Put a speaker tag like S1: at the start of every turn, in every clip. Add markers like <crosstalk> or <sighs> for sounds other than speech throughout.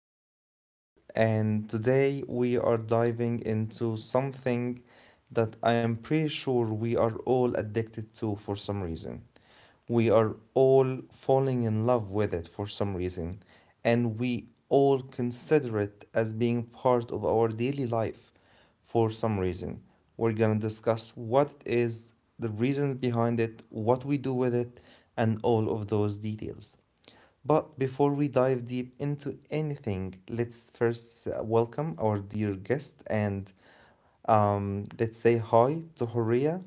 S1: This is Mohammed, and today we are diving into something that I am pretty sure we are all addicted to for some reason. We are all falling in love with it for some reason, and we all consider it as being part of our daily life for some reason. We're gonna discuss what it is, the reasons behind it, what we do with it, and all of those details. But before we dive deep into anything, let's first welcome our dear guest and let's say hi to Horia,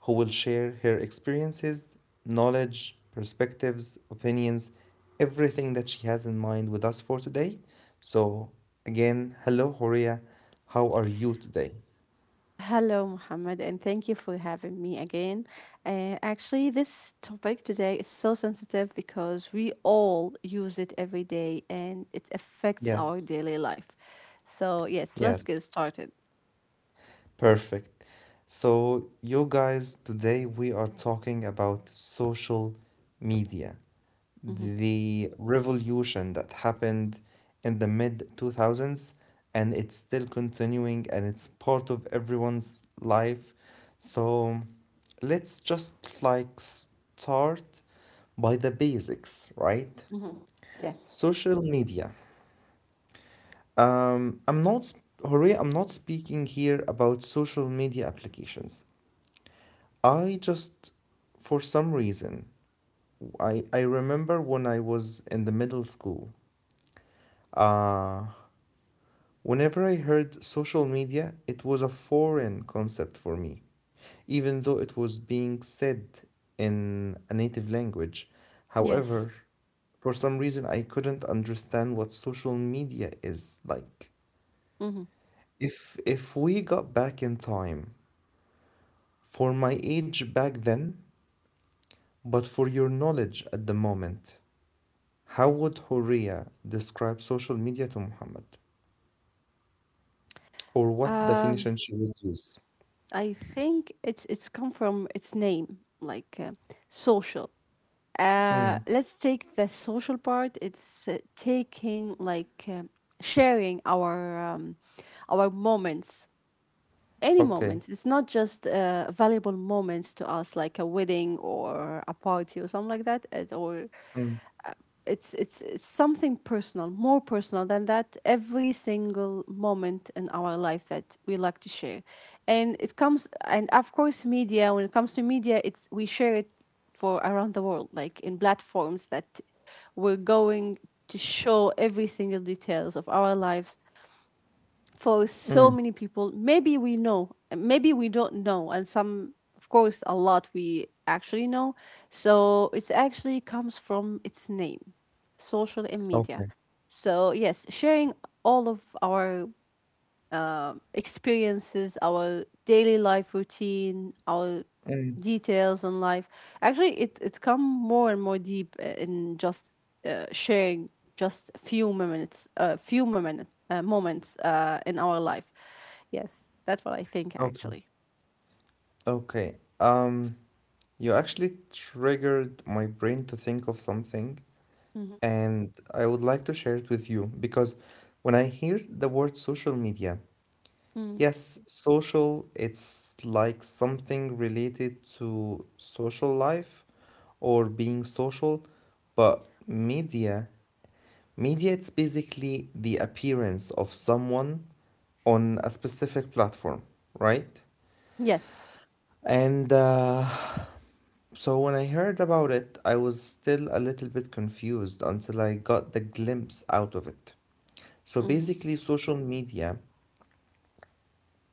S1: who will share her experiences, knowledge, perspectives, opinions, everything that she has in mind with us for today. So, again, hello, Horia. How are you today?
S2: Hello, Mohammed, and thank you for having me again. Actually, this topic today is so sensitive because we all use it every day and it affects our
S1: Yes,
S2: daily life. So, yes, let's get
S1: yes,
S2: started.
S1: perfect. So, you guys, today we are talking about social media,
S2: Hmm.
S1: the revolution that happened in the mid 2000s, and it's still continuing and it's part of everyone's life. So let's just like start by the basics, right?
S2: Hmm. Yes.
S1: Social media, I'm not sp- hooray I'm not speaking here about social media applications. I just, for some reason, I remember when I was in the middle school. uh Whenever I heard social media, it was a foreign concept for me, even though it was being said in a native language.
S2: Yes.
S1: However, for some reason I couldn't understand what social media is like.
S2: Hmm.
S1: If we got back in time, for my age back then, but for your knowledge at the moment, how would Horia describe social media to Muhammad? Or what
S2: Um,
S1: definition she would use?
S2: I think it's come from its name, like, social.
S1: Mm,
S2: Let's take the social part. It's taking, like, sharing our moments, any
S1: okay.
S2: moment. It's not just valuable moments to us, like a wedding or a party or something like that, or
S1: Mm.
S2: it's something personal, more personal than that. Every single moment in our life that we like to share, and it comes, and of course media, when it comes to media, it's we share it for around the world, like, in platforms that we're going to show every single details of our lives for so
S1: Mm,
S2: many people. Maybe we know, maybe we don't know, and some, of course, a lot we actually know. So it actually comes from its name, social and media.
S1: okay.
S2: So yes, sharing all of our experiences, our daily life routine, our
S1: Mm,
S2: details on life. Actually, it's come more and more deep, in just sharing just a few moments, a few moments in our life. Yes, that's what I think
S1: okay.
S2: actually.
S1: Okay. You actually triggered my brain to think of something,
S2: Hmm.
S1: and I would like to share it with you because when I hear the word social media,
S2: Mm.
S1: yes, social, it's like something related to social life or being social, but media, media, it's basically the appearance of someone on a specific platform, right?
S2: Yes.
S1: And so when I heard about it, I was still a little bit confused until I got the glimpse out of it. So
S2: Hmm.
S1: basically, social media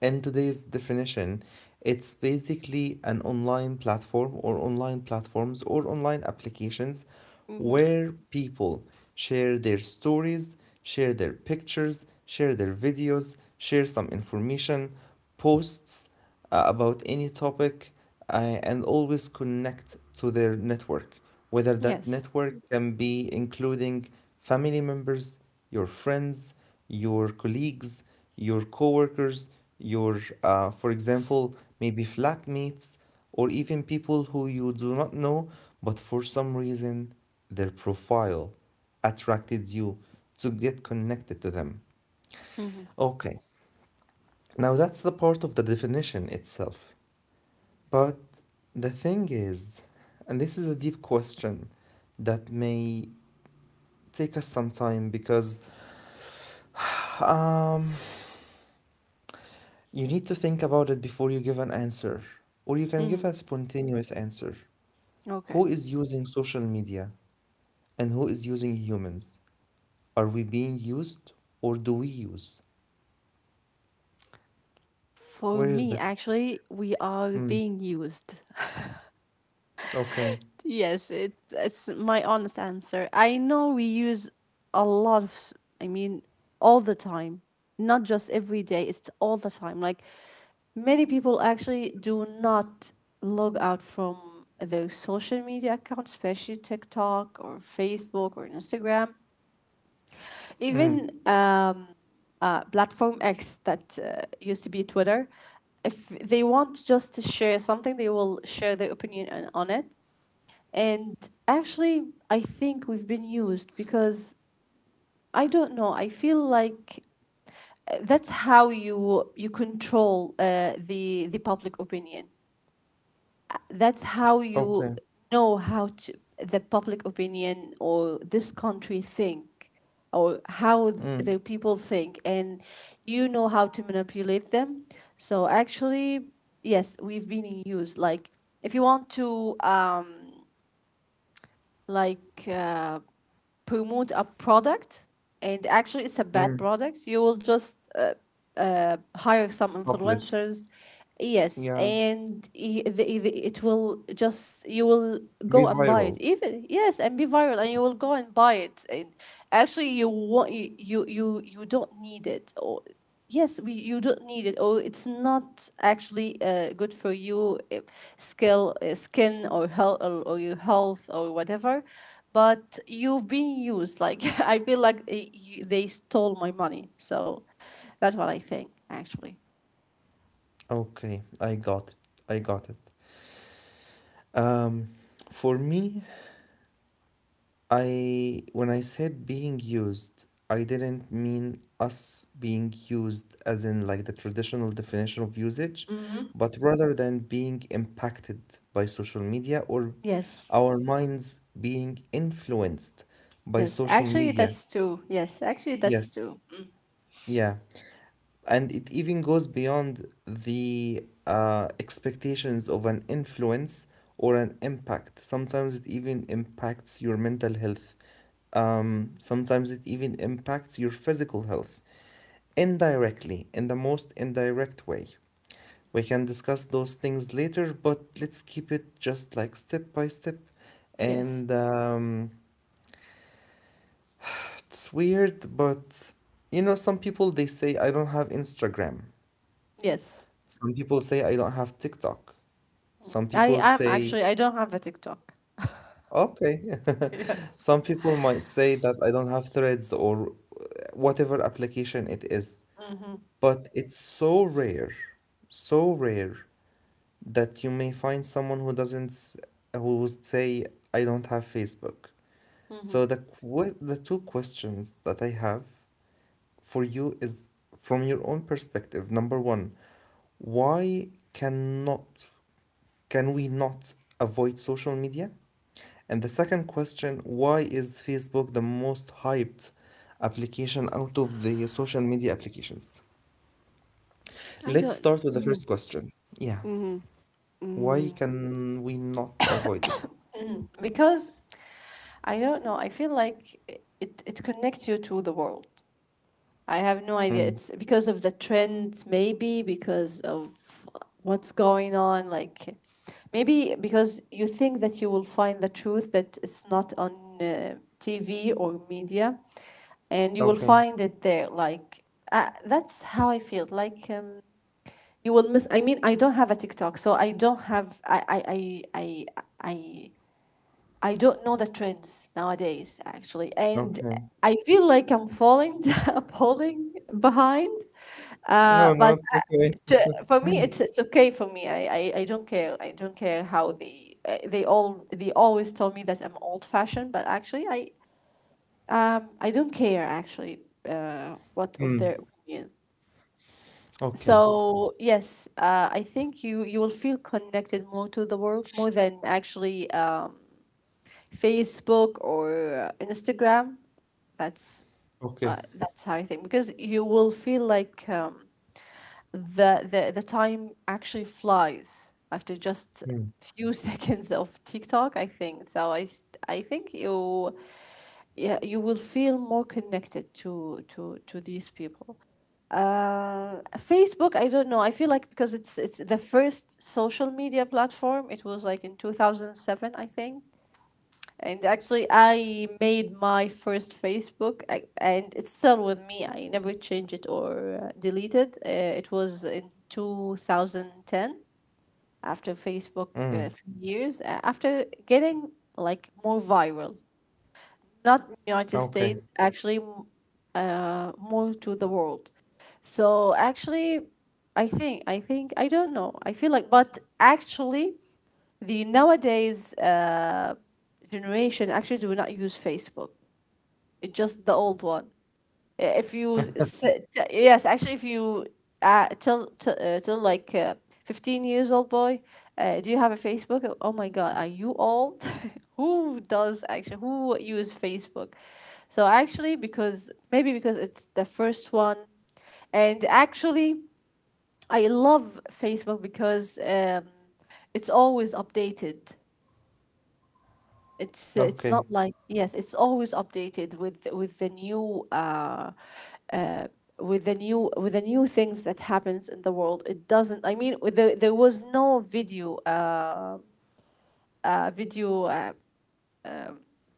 S1: in today's definition, it's basically an online platform or online platforms or online applications
S2: Hmm.
S1: where people share their stories, share their pictures, share their videos, share some information, posts about any topic, and always connect to their network. Whether that
S2: Yes.
S1: network can be including family members, your friends, your colleagues, your coworkers, your, for example, maybe flatmates, or even people who you do not know, but for some reason their profile attracted you to get connected to them.
S2: Hmm.
S1: Okay, now that's the part of the definition itself. But the thing is, and this is a deep question that may take us some time because um, you need to think about it before you give an answer, or you can give
S2: Hmm.
S1: a spontaneous answer. Who
S2: Okay.
S1: is using social media and who is using humans? Are we being used or do we use?
S2: For
S1: Where is
S2: me,
S1: the.
S2: actually, we are
S1: Mm,
S2: being used.
S1: okay.
S2: Yes, it's my honest answer. I know we use a lot of, I mean, all the time, not just every day, it's all the time. Like, many people actually do not log out from their social media accounts, especially TikTok or Facebook or Instagram.
S1: Mm,
S2: Even platform X that used to be Twitter, if they want just to share something, they will share their opinion on it. And actually, I think we've been used because I don't know. I feel like, that's how you control the public opinion. That's how you
S1: okay.
S2: know how to the public opinion or this country think, or how
S1: Mm,
S2: the people think, and you know how to manipulate them. So actually, yes, we've been in use. Like, if you want to, like, promote a product and actually it's a bad
S1: mm.
S2: product, you will just hire some
S1: Publish.
S2: influencers. Yes,
S1: Yeah.
S2: and it will just, you will
S1: Be
S2: go and buy it.
S1: viral.
S2: Even, yes, and be viral, and you will go and buy it. And actually, you want you you you, you don't need it. Or yes, we you don't need it. Or it's not actually good for you, skill, skin, or health, or your health, or whatever. But you've been used. Like, <laughs> I feel like they, they stole my money. So that's what I think actually.
S1: Okay. I got it. I got it. Um, for me, I when I said being used, I didn't mean us being used as in like the traditional definition of usage,
S2: Mm-hmm.
S1: but rather than being impacted by social media or
S2: Yes.
S1: our minds being influenced by
S2: Yes.
S1: social
S2: Actually,
S1: media.
S2: that's two. Yes, actually, that's
S1: Yes,
S2: two.
S1: yeah, and it even goes beyond the expectations of an influence or an impact. Sometimes it even impacts your mental health. Sometimes it even impacts your physical health indirectly, in the most indirect way. We can discuss those things later, but let's keep it just like step by step.
S2: Yes.
S1: And it's weird, but you know, some people they say, I don't have Instagram.
S2: Yes.
S1: Some people say I don't have TikTok. Some
S2: I
S1: people
S2: am
S1: say,
S2: actually. I don't have a TikTok.
S1: okay. <laughs>
S2: <laughs> Yes.
S1: Some people might say that I don't have Threads or uh, whatever application it is.
S2: Hmm.
S1: But it's so rare that you may find someone who doesn't, who would say, I don't have Facebook. So the the two questions that I have for you is from your own perspective. Number one, why cannot can we not avoid social media? And the second question, why is Facebook the most hyped application out of the social media applications?
S2: I
S1: Let's start with the
S2: don't.
S1: first question. Yeah. Why can we not avoid it?
S2: Because, I don't know, I feel like it connects you to the world. I have no idea.
S1: Mm.
S2: It's because of the trends, maybe because of what's going on. Like, maybe because you think that you will find the truth that it's not on, uh, TV or media, and you will
S1: Okay.
S2: find it there. Like, that's how I feel. Like, you will miss. I mean, I don't have a TikTok, so I don't have. I I don't know the trends nowadays, actually. And
S1: Okay.
S2: I feel like I'm falling <laughs> falling behind.
S1: No, no,
S2: But,
S1: it's okay.
S2: for me, it's okay for me. I don't care. I don't care how they always tell me that I'm old fashioned, but actually, I don't care actually, what of
S1: Mm.
S2: their opinion.
S1: Okay.
S2: So yes, I think you will feel connected more to the world more than actually, Facebook or Instagram. That's
S1: Okay.
S2: that's how I think because you will feel like, the time actually flies after just
S1: Mm.
S2: few <laughs> seconds of TikTok, I think. So I think you, yeah, you will feel more connected to these people. Facebook, I don't know. I feel like, because it's the first social media platform. It was like in 2007, I think. And actually, I made my first Facebook, and it's still with me. I never changed it or deleted. It was in 2010, after Facebook,
S1: Mm.
S2: 3 years after getting, like, more viral, not in United
S1: Okay.
S2: States, actually, more to the world. So actually, I think I don't know. I feel like, but actually, the nowadays generation actually do not use Facebook. It's just the old one. If you sit, yes, actually, if you, till, like, 15 years old boy, do you have a Facebook? Oh my God, are you old? <laughs> who does Actually, who use Facebook? So actually, because maybe because it's the first one, and actually, I love Facebook because, it's always updated. It's
S1: Okay.
S2: not like, yes, it's always updated with the new, uh things that happens in the world. It doesn't. I mean, there was no video, video.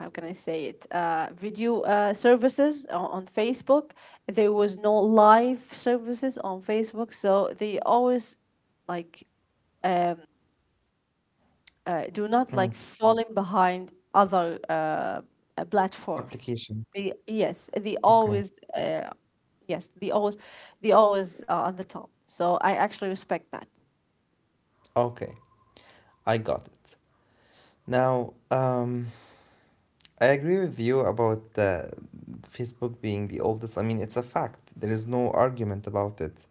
S2: How can I say it? Video services on Facebook. There was no live services on Facebook, so they always, like, do not,
S1: Mm.
S2: like, falling behind other platforms.
S1: Applications.
S2: They, yes, they
S1: Okay.
S2: always, yes, they always are on the top. So I actually respect that.
S1: Okay. I got it. Now, I agree with you about Facebook being the oldest. I mean, it's a fact. There is no argument about it.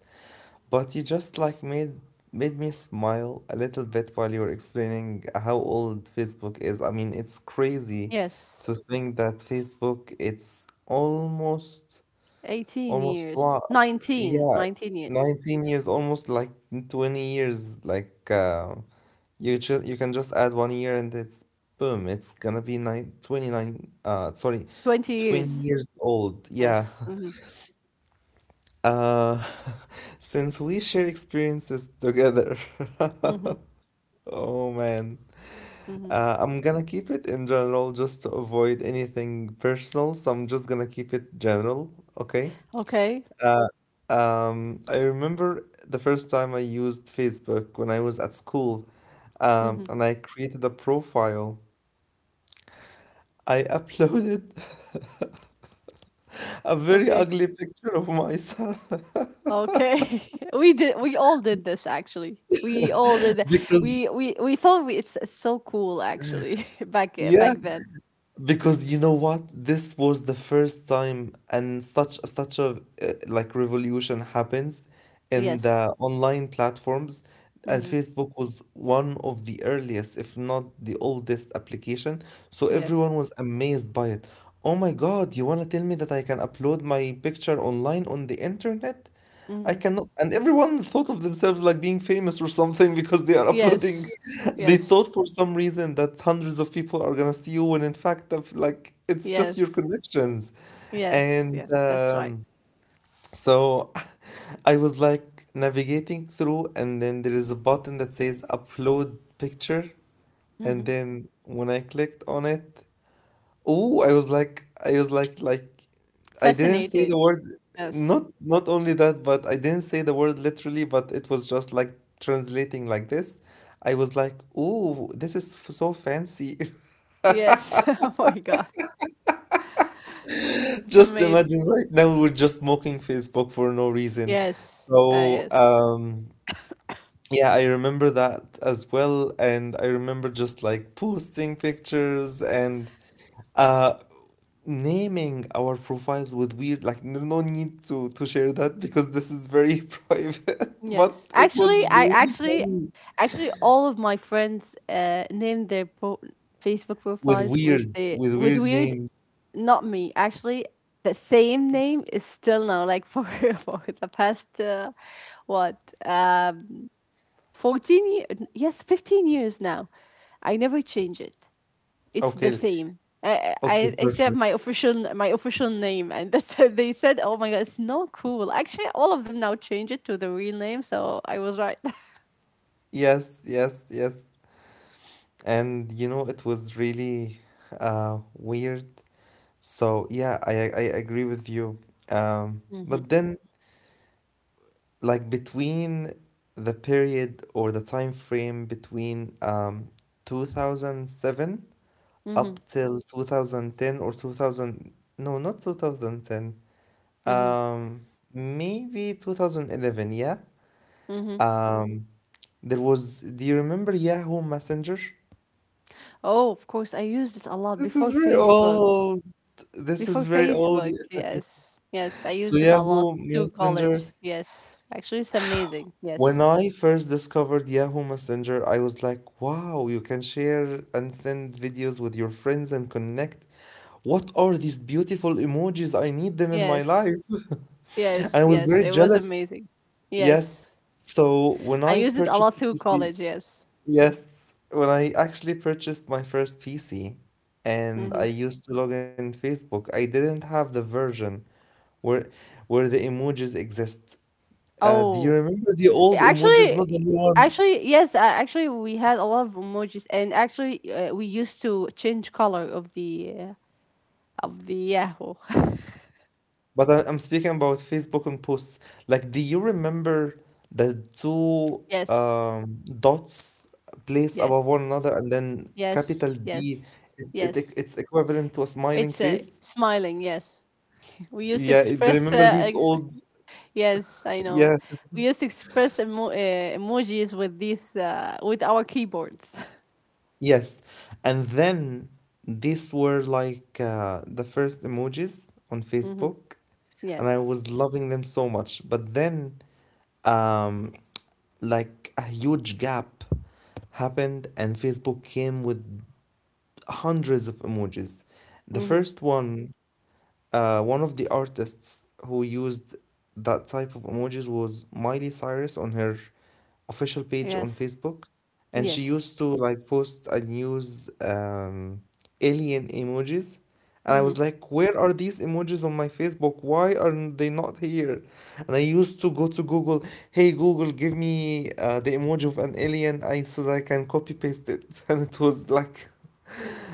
S1: But you just like made me smile a little bit while you were explaining how old Facebook is. I mean, it's crazy
S2: Yes,
S1: to think that Facebook it's almost.
S2: 18
S1: Almost
S2: years,
S1: what?
S2: 19,
S1: Yeah,
S2: 19 years,
S1: 19 years, almost like 20 years. Like you ju you can just add one year and it's boom, it's gonna be 929. Sorry,
S2: 20
S1: 20
S2: years.
S1: years old. Yeah.
S2: Yes.
S1: <laughs>
S2: Mm-hmm.
S1: Uh, <laughs> since we share experiences together.
S2: Mm-hmm.
S1: <laughs> Oh man.
S2: Mm-hmm.
S1: I'm gonna keep it in general just to avoid anything personal, so I'm just gonna keep it general, okay?
S2: Okay.
S1: I remember the first time I used Facebook when I was at school,
S2: Mm-hmm.
S1: and I created a profile. I uploaded <laughs> a very
S2: Okay.
S1: ugly picture of myself
S2: Okay. <laughs> We did. We all did this actually. We all did
S1: <laughs>
S2: that.
S1: because,
S2: We thought it's so cool actually, <laughs> back
S1: yeah,
S2: back then.
S1: because you know what? This was the first time and such a like revolution happens in
S2: Yes.
S1: the online platforms, and
S2: Hmm.
S1: Facebook was one of the earliest, if not the oldest application. So everyone
S2: Yes.
S1: was amazed by it. Oh my God, you want to tell me that I can upload my picture online on the internet? I
S2: Hmm.
S1: cannot, and everyone thought of themselves like being famous or something <laughs> because they are uploading.
S2: Yes.
S1: <laughs> They
S2: Yes.
S1: thought for some reason that hundreds of people are gonna see you, when in fact, like it's just your
S2: Yes.
S1: connections.
S2: Yes.
S1: And
S2: Yes. That's right.
S1: so <laughs> I was like navigating through, and then there is a button that says upload picture, and
S2: Hmm.
S1: then when I clicked on it, oh, like, I didn't say the
S2: Fascinated.
S1: word.
S2: Yes.
S1: Not not only that, but I didn't say the word literally, but it was just like translating like this. I was like, oh, this is so fancy. <laughs>
S2: Yes. <laughs> Oh my God. It's
S1: Just imagine
S2: amazing.
S1: right now we're just mocking Facebook for no reason.
S2: Yes.
S1: So,
S2: Yes.
S1: yeah, I remember that as well, and I remember just like posting pictures and. uh Naming our profiles with weird, like, no, no need to share that because this is very <laughs> private, but
S2: Yes.
S1: it
S2: Actually,
S1: was really funny,
S2: actually, all of my friends named their Facebook
S1: with
S2: profiles with
S1: weird,
S2: the with weird.
S1: names.
S2: Not me. Actually, the same name is still now, like, for <laughs> for the past. What? um 14 years. Yes, 15 years now. I never change it, it's the
S1: Okay,
S2: same. I,
S1: okay,
S2: I except
S1: perfect.
S2: my official name, and that's, <laughs> they said, "Oh my God, it's not cool." Actually, all of them now change it to the real name, so I was right. <laughs>
S1: Yes, yes, yes. And you know it was really weird. So yeah, I agree with you.
S2: Mm-hmm.
S1: But then, like, between the period or the time frame between 2007
S2: Mm-hmm.
S1: up till 2010, or 2000, no, not 2010,
S2: Mm-hmm.
S1: um maybe 2011, yeah.
S2: Mm-hmm.
S1: um there was, do you remember Yahoo Messenger?
S2: Oh, of course, I used it a lot
S1: This
S2: before
S1: is very
S2: Facebook.
S1: old. this
S2: Before
S1: is very old
S2: Facebook,
S1: <laughs>
S2: yes. Yes, I
S1: so
S2: used it a lot
S1: Yahoo
S2: through college.
S1: Messenger,
S2: Yes. Actually, it's amazing.
S1: when
S2: Yes.
S1: I first discovered Yahoo Messenger, I was like, wow, you can share and send videos with your friends and connect. What are these beautiful emojis? I need them in my
S2: Yes.
S1: life. <laughs> And I
S2: Yes.
S1: was
S2: Yes.
S1: very
S2: It was
S1: jealous.
S2: amazing.
S1: Yes.
S2: Yes.
S1: So when
S2: I
S1: I
S2: used it a
S1: purchased
S2: lot
S1: the
S2: through
S1: PC,
S2: college, yes.
S1: yes, when I actually purchased my first PC and I
S2: Hmm.
S1: used to log in Facebook, I didn't have the version where the emojis exist. Do you
S2: Oh,
S1: remember the old emojis, not the
S2: actually,
S1: new one?
S2: actually, yes, actually, we had a lot of emojis, and actually, we used to change color of the Yahoo.
S1: But I, I'm speaking about Facebook and posts. Like, do you remember the two
S2: <laughs> Yes,
S1: dots placed
S2: yes,
S1: above one another and then capital
S2: yes,
S1: D,
S2: yes, yes.
S1: it's equivalent to a smiling
S2: It's a
S1: face?
S2: smiling. Yes, we used to
S1: Yeah, do you
S2: express.
S1: remember
S2: <laughs>
S1: these old?
S2: Yes, I know.
S1: Yeah.
S2: We used to express emojis with these with our keyboards.
S1: Yes. And then these were like the first emojis on
S2: <laughs> Hmm.
S1: Facebook, and I
S2: Yes.
S1: was loving them so much. But then um, like a huge gap happened and Facebook came with hundreds of emojis. The
S2: Hmm.
S1: first one, one of the artists who used that type of emojis was Miley Cyrus on her official page on
S2: Yes.
S1: Facebook, and she
S2: Yes.
S1: used to like post and use alien emojis. And I
S2: Mm-hmm.
S1: was like, where are these emojis on my Facebook? Why are they not here? And I used to go to Google, hey Google, give me the emoji of an alien, I so that I can copy paste it. <laughs> And it was like,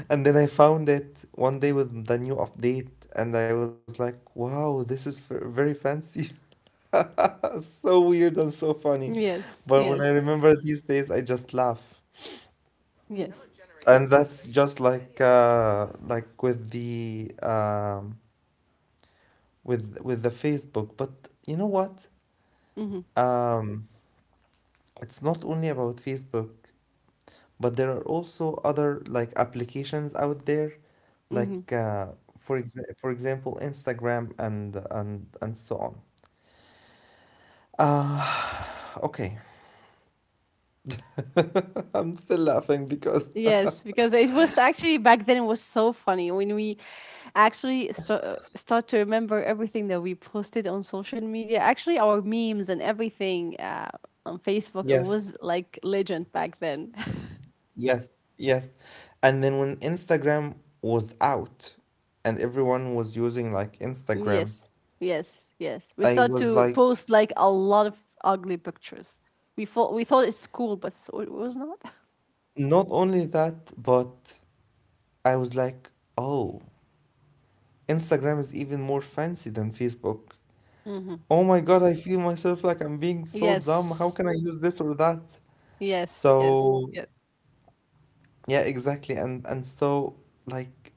S1: and then I found it one day with the new update, and I was like, wow, this is very fancy. <laughs> So weird and so funny.
S2: Yes,
S1: But when I
S2: yes,
S1: remember these days, I just laugh.
S2: yes.
S1: And that's just like with the with the Facebook. But you know what?
S2: Mm-hmm.
S1: Um, it's not only about Facebook, but there are also other like applications out there,
S2: Mm-hmm.
S1: like for for example, Instagram and so on. Ah, <sighs> okay. <laughs> I'm still laughing because
S2: Yes, because it was actually back then it was so funny when we actually start to remember everything that we posted on social media. Actually, our memes and everything on Facebook, it
S1: yes,
S2: was like legend back then.
S1: yes, yes. And then when Instagram was out and everyone was using like
S2: <laughs>
S1: Instagram,
S2: Yes, yes, yes. We
S1: I
S2: start
S1: was
S2: to
S1: like,
S2: post like a lot of ugly pictures. We thought it's cool, but so it was not. <laughs>
S1: not only that, but I was like, oh, Instagram is even more fancy than Facebook.
S2: Mm-hmm.
S1: Oh my God, I feel myself like I'm being so dumb. How
S2: Yes,
S1: can I use this or that?
S2: yes, yes,
S1: So,
S2: yes,
S1: yeah, exactly. And so like,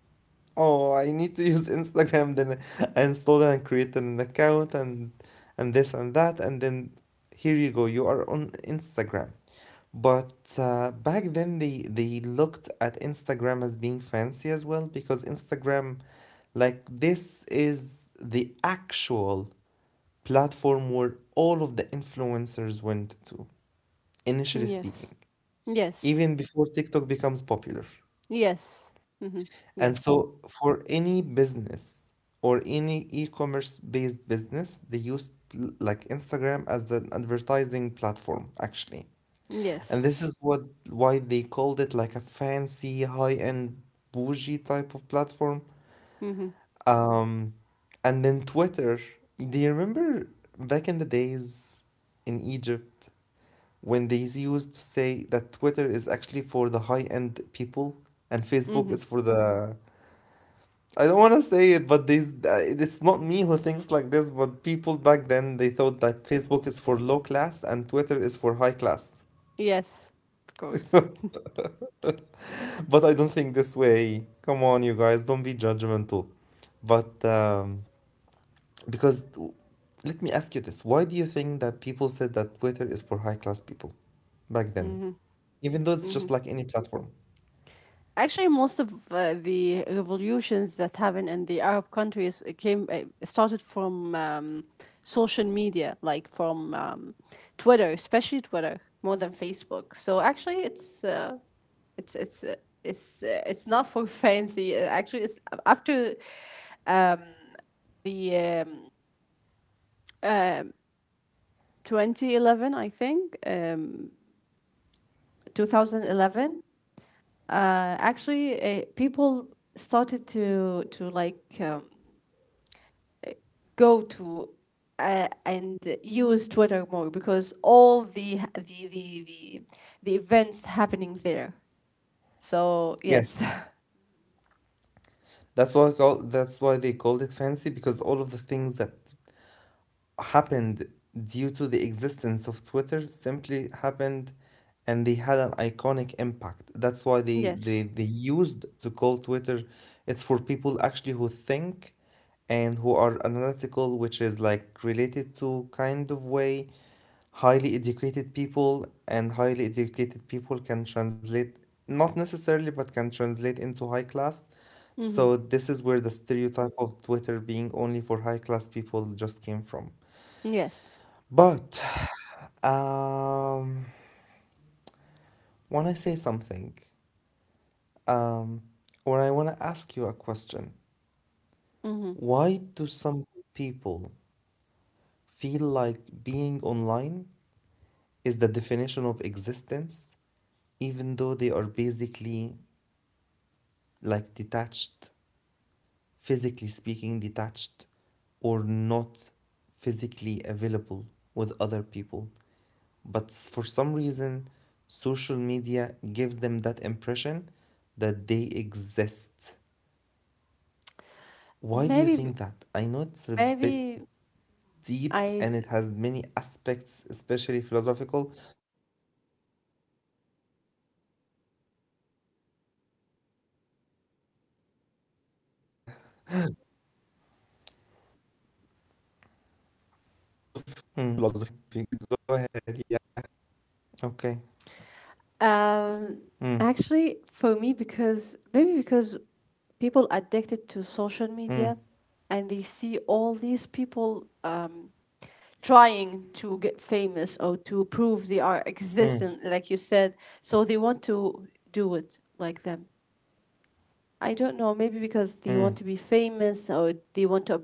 S1: oh, I need to use <laughs> Instagram. Then I installed and created an account, and this and that, and then here you go, you are on Instagram. But back then, they looked at Instagram as being fancy as well, because Instagram, like, this is the actual platform where all of the influencers went to, initially
S2: yes.
S1: speaking,
S2: Yes.
S1: even before TikTok becomes popular.
S2: Yes. Mm-hmm.
S1: And
S2: Yes.
S1: so for any business or any e-commerce based business, they use like Instagram as an advertising platform actually. And
S2: Yes.
S1: this is what, why they called it like a fancy high-end bougie type of platform.
S2: Mm-hmm.
S1: Um, and then Twitter. Do you remember back in the days in Egypt when they used to say that Twitter is actually for the high-end people and Facebook
S2: Mm-hmm.
S1: is for the. I don't want to say it, but this it's not me who thinks like this, but people back then they thought that Facebook is for low class and Twitter is for high class.
S2: Yes. Of course.
S1: But I don't think this way. Come on, you guys, don't be judgmental. But because let me ask you this, why do you think that people said that Twitter is for high class people back then? Even though it's
S2: Mm-hmm.
S1: just like any platform.
S2: Actually, most of the revolutions that happened in the Arab countries, came started from, social media, like from, Twitter, especially Twitter, more than Facebook. So actually, it's. It's not for <laughs> fancy. Actually, it's after the, um 2011, I think. 2011, uh, actually, people started to like, go to, and use Twitter more because all the events happening there. So
S1: Yes.
S2: yes.
S1: That's why they called it fancy, because all of the things that happened due to the existence of Twitter simply happened, and they had an iconic impact. That's why
S2: <laughs>
S1: they, they,
S2: Yes.
S1: they used to call Twitter, it's for people actually who think and who are analytical, which is like related to, kind of, way highly educated people, and highly educated people can translate, not necessarily, but can translate into high class.
S2: Mm-hmm.
S1: So this is where the stereotype of Twitter being only for high class people just came from.
S2: Yes.
S1: But um, when I say something, um, or I want to ask you a question,
S2: Mm-hmm.
S1: why do some people feel like being online is the definition of existence, even though they are basically like detached, physically speaking, detached, or not physically available with other people? But for some reason, social media gives them that impression that they exist. Why do you
S2: maybe
S1: think that? I know it's a bit
S2: maybe
S1: deep
S2: I.
S1: and it has many aspects, especially philosophical, but come on, Horia, you know me at this point that I'm <laughs> I'm fond of philosophy. Go ahead. Yeah. Mm, okay. Mm.
S2: Um, Actually, for me, because maybe because people addicted to social
S1: Mm.
S2: media, and they see all these people trying to get famous or to prove they are
S1: Mm.
S2: existent, like you said. So they want to do it like them. I don't know. Maybe because they
S1: Mm.
S2: want to be famous or they want to,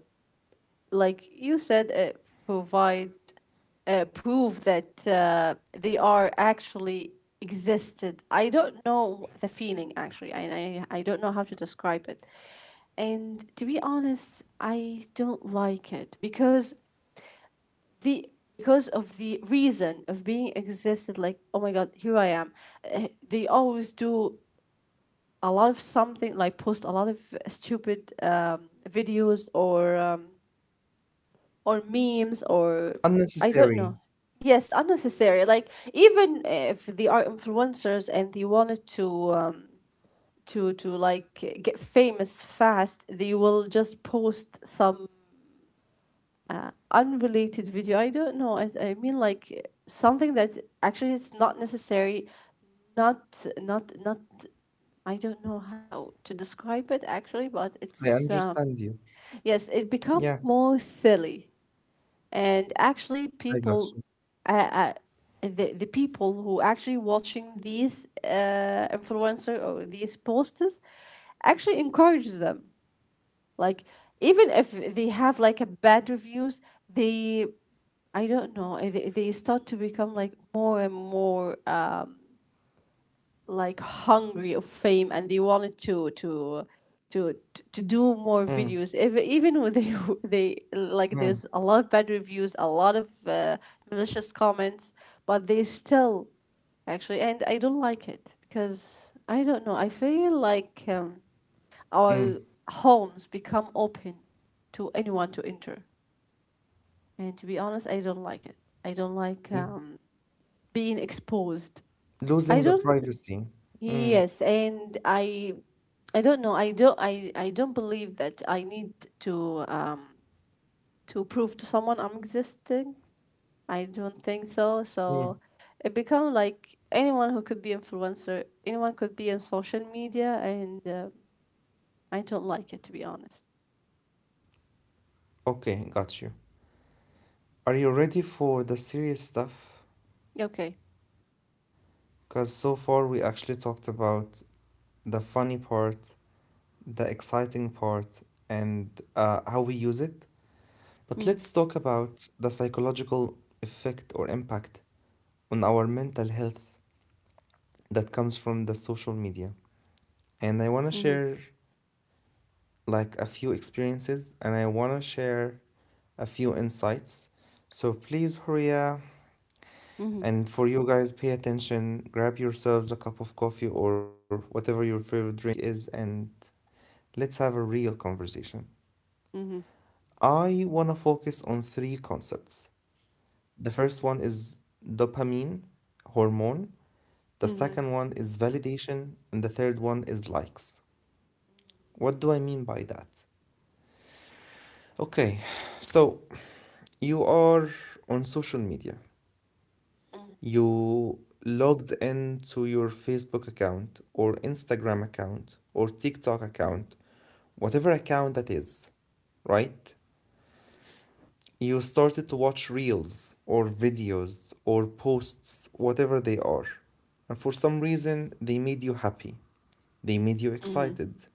S2: like you said, provide prove that they are actually existed. I don't know the feeling actually. I don't know how to describe it. And to be honest, I don't like it because the because of the reason of being existed. Like, oh my god, here I am. They always do a lot of something, like post a lot of stupid videos or memes or I don't
S1: Unnecessary.
S2: know. Yes, unnecessary. Like, even if they are influencers and they wanted to like get famous fast, they will just post some unrelated video. I don't know. I mean, like, something that actually is not necessary. Not. I don't know how to describe it actually, but
S1: I
S2: it's,
S1: understand you.
S2: yes, it become
S1: Yeah.
S2: more silly. And actually,
S1: I got you.
S2: uh, uh, the people who actually watching these influencer or these posters actually encourage them, like, even if they have like a bad reviews, they, I don't know, they start to become like more and more, like, hungry of fame, and they wanted
S1: Mm.
S2: to to do more videos,
S1: Mm.
S2: if, even when they <laughs> they, like, there's a lot of bad reviews, a lot of malicious comments, but they still actually. And I don't like it because, I don't know, I feel like, our homes become open to anyone to enter. And to be honest, I don't like it. I don't like,
S1: Mm.
S2: being exposed.
S1: Losing the
S2: I don't.
S1: privacy. Mm.
S2: Yes, and I don't know. I don't believe that I need to, to prove to someone I'm existing. I don't think so.
S1: Mm.
S2: So it become like anyone who could be influencer, anyone could be in social media, and I don't like it, to be honest.
S1: Okay, got you. Are you ready for the serious stuff?
S2: Okay.
S1: Because so far we actually talked about the funny part, the exciting part, and how we use it. But
S2: Mm.
S1: let's talk about the psychological effect or impact on our mental health that comes from the social media. And I want to
S2: Mhm.
S1: share like a few experiences, and I want to share a few insights. So please, Horia.
S2: Mhm.
S1: And for you guys, pay attention, grab yourselves a cup of coffee or whatever your favorite drink is, and let's have a real conversation.
S2: Mhm.
S1: I want to focus on three concepts. The first one is dopamine, hormone. The
S2: Mhm.
S1: second one is validation. And the third one is likes. What do I mean by that? Okay, so you are on social media.
S2: Mhm.
S1: You logged in to your Facebook account or Instagram account or TikTok account, whatever account that is, right? You started to watch reels or videos or posts, whatever they are. And for some reason, they made you happy. They made you
S2: Mhm.
S1: excited.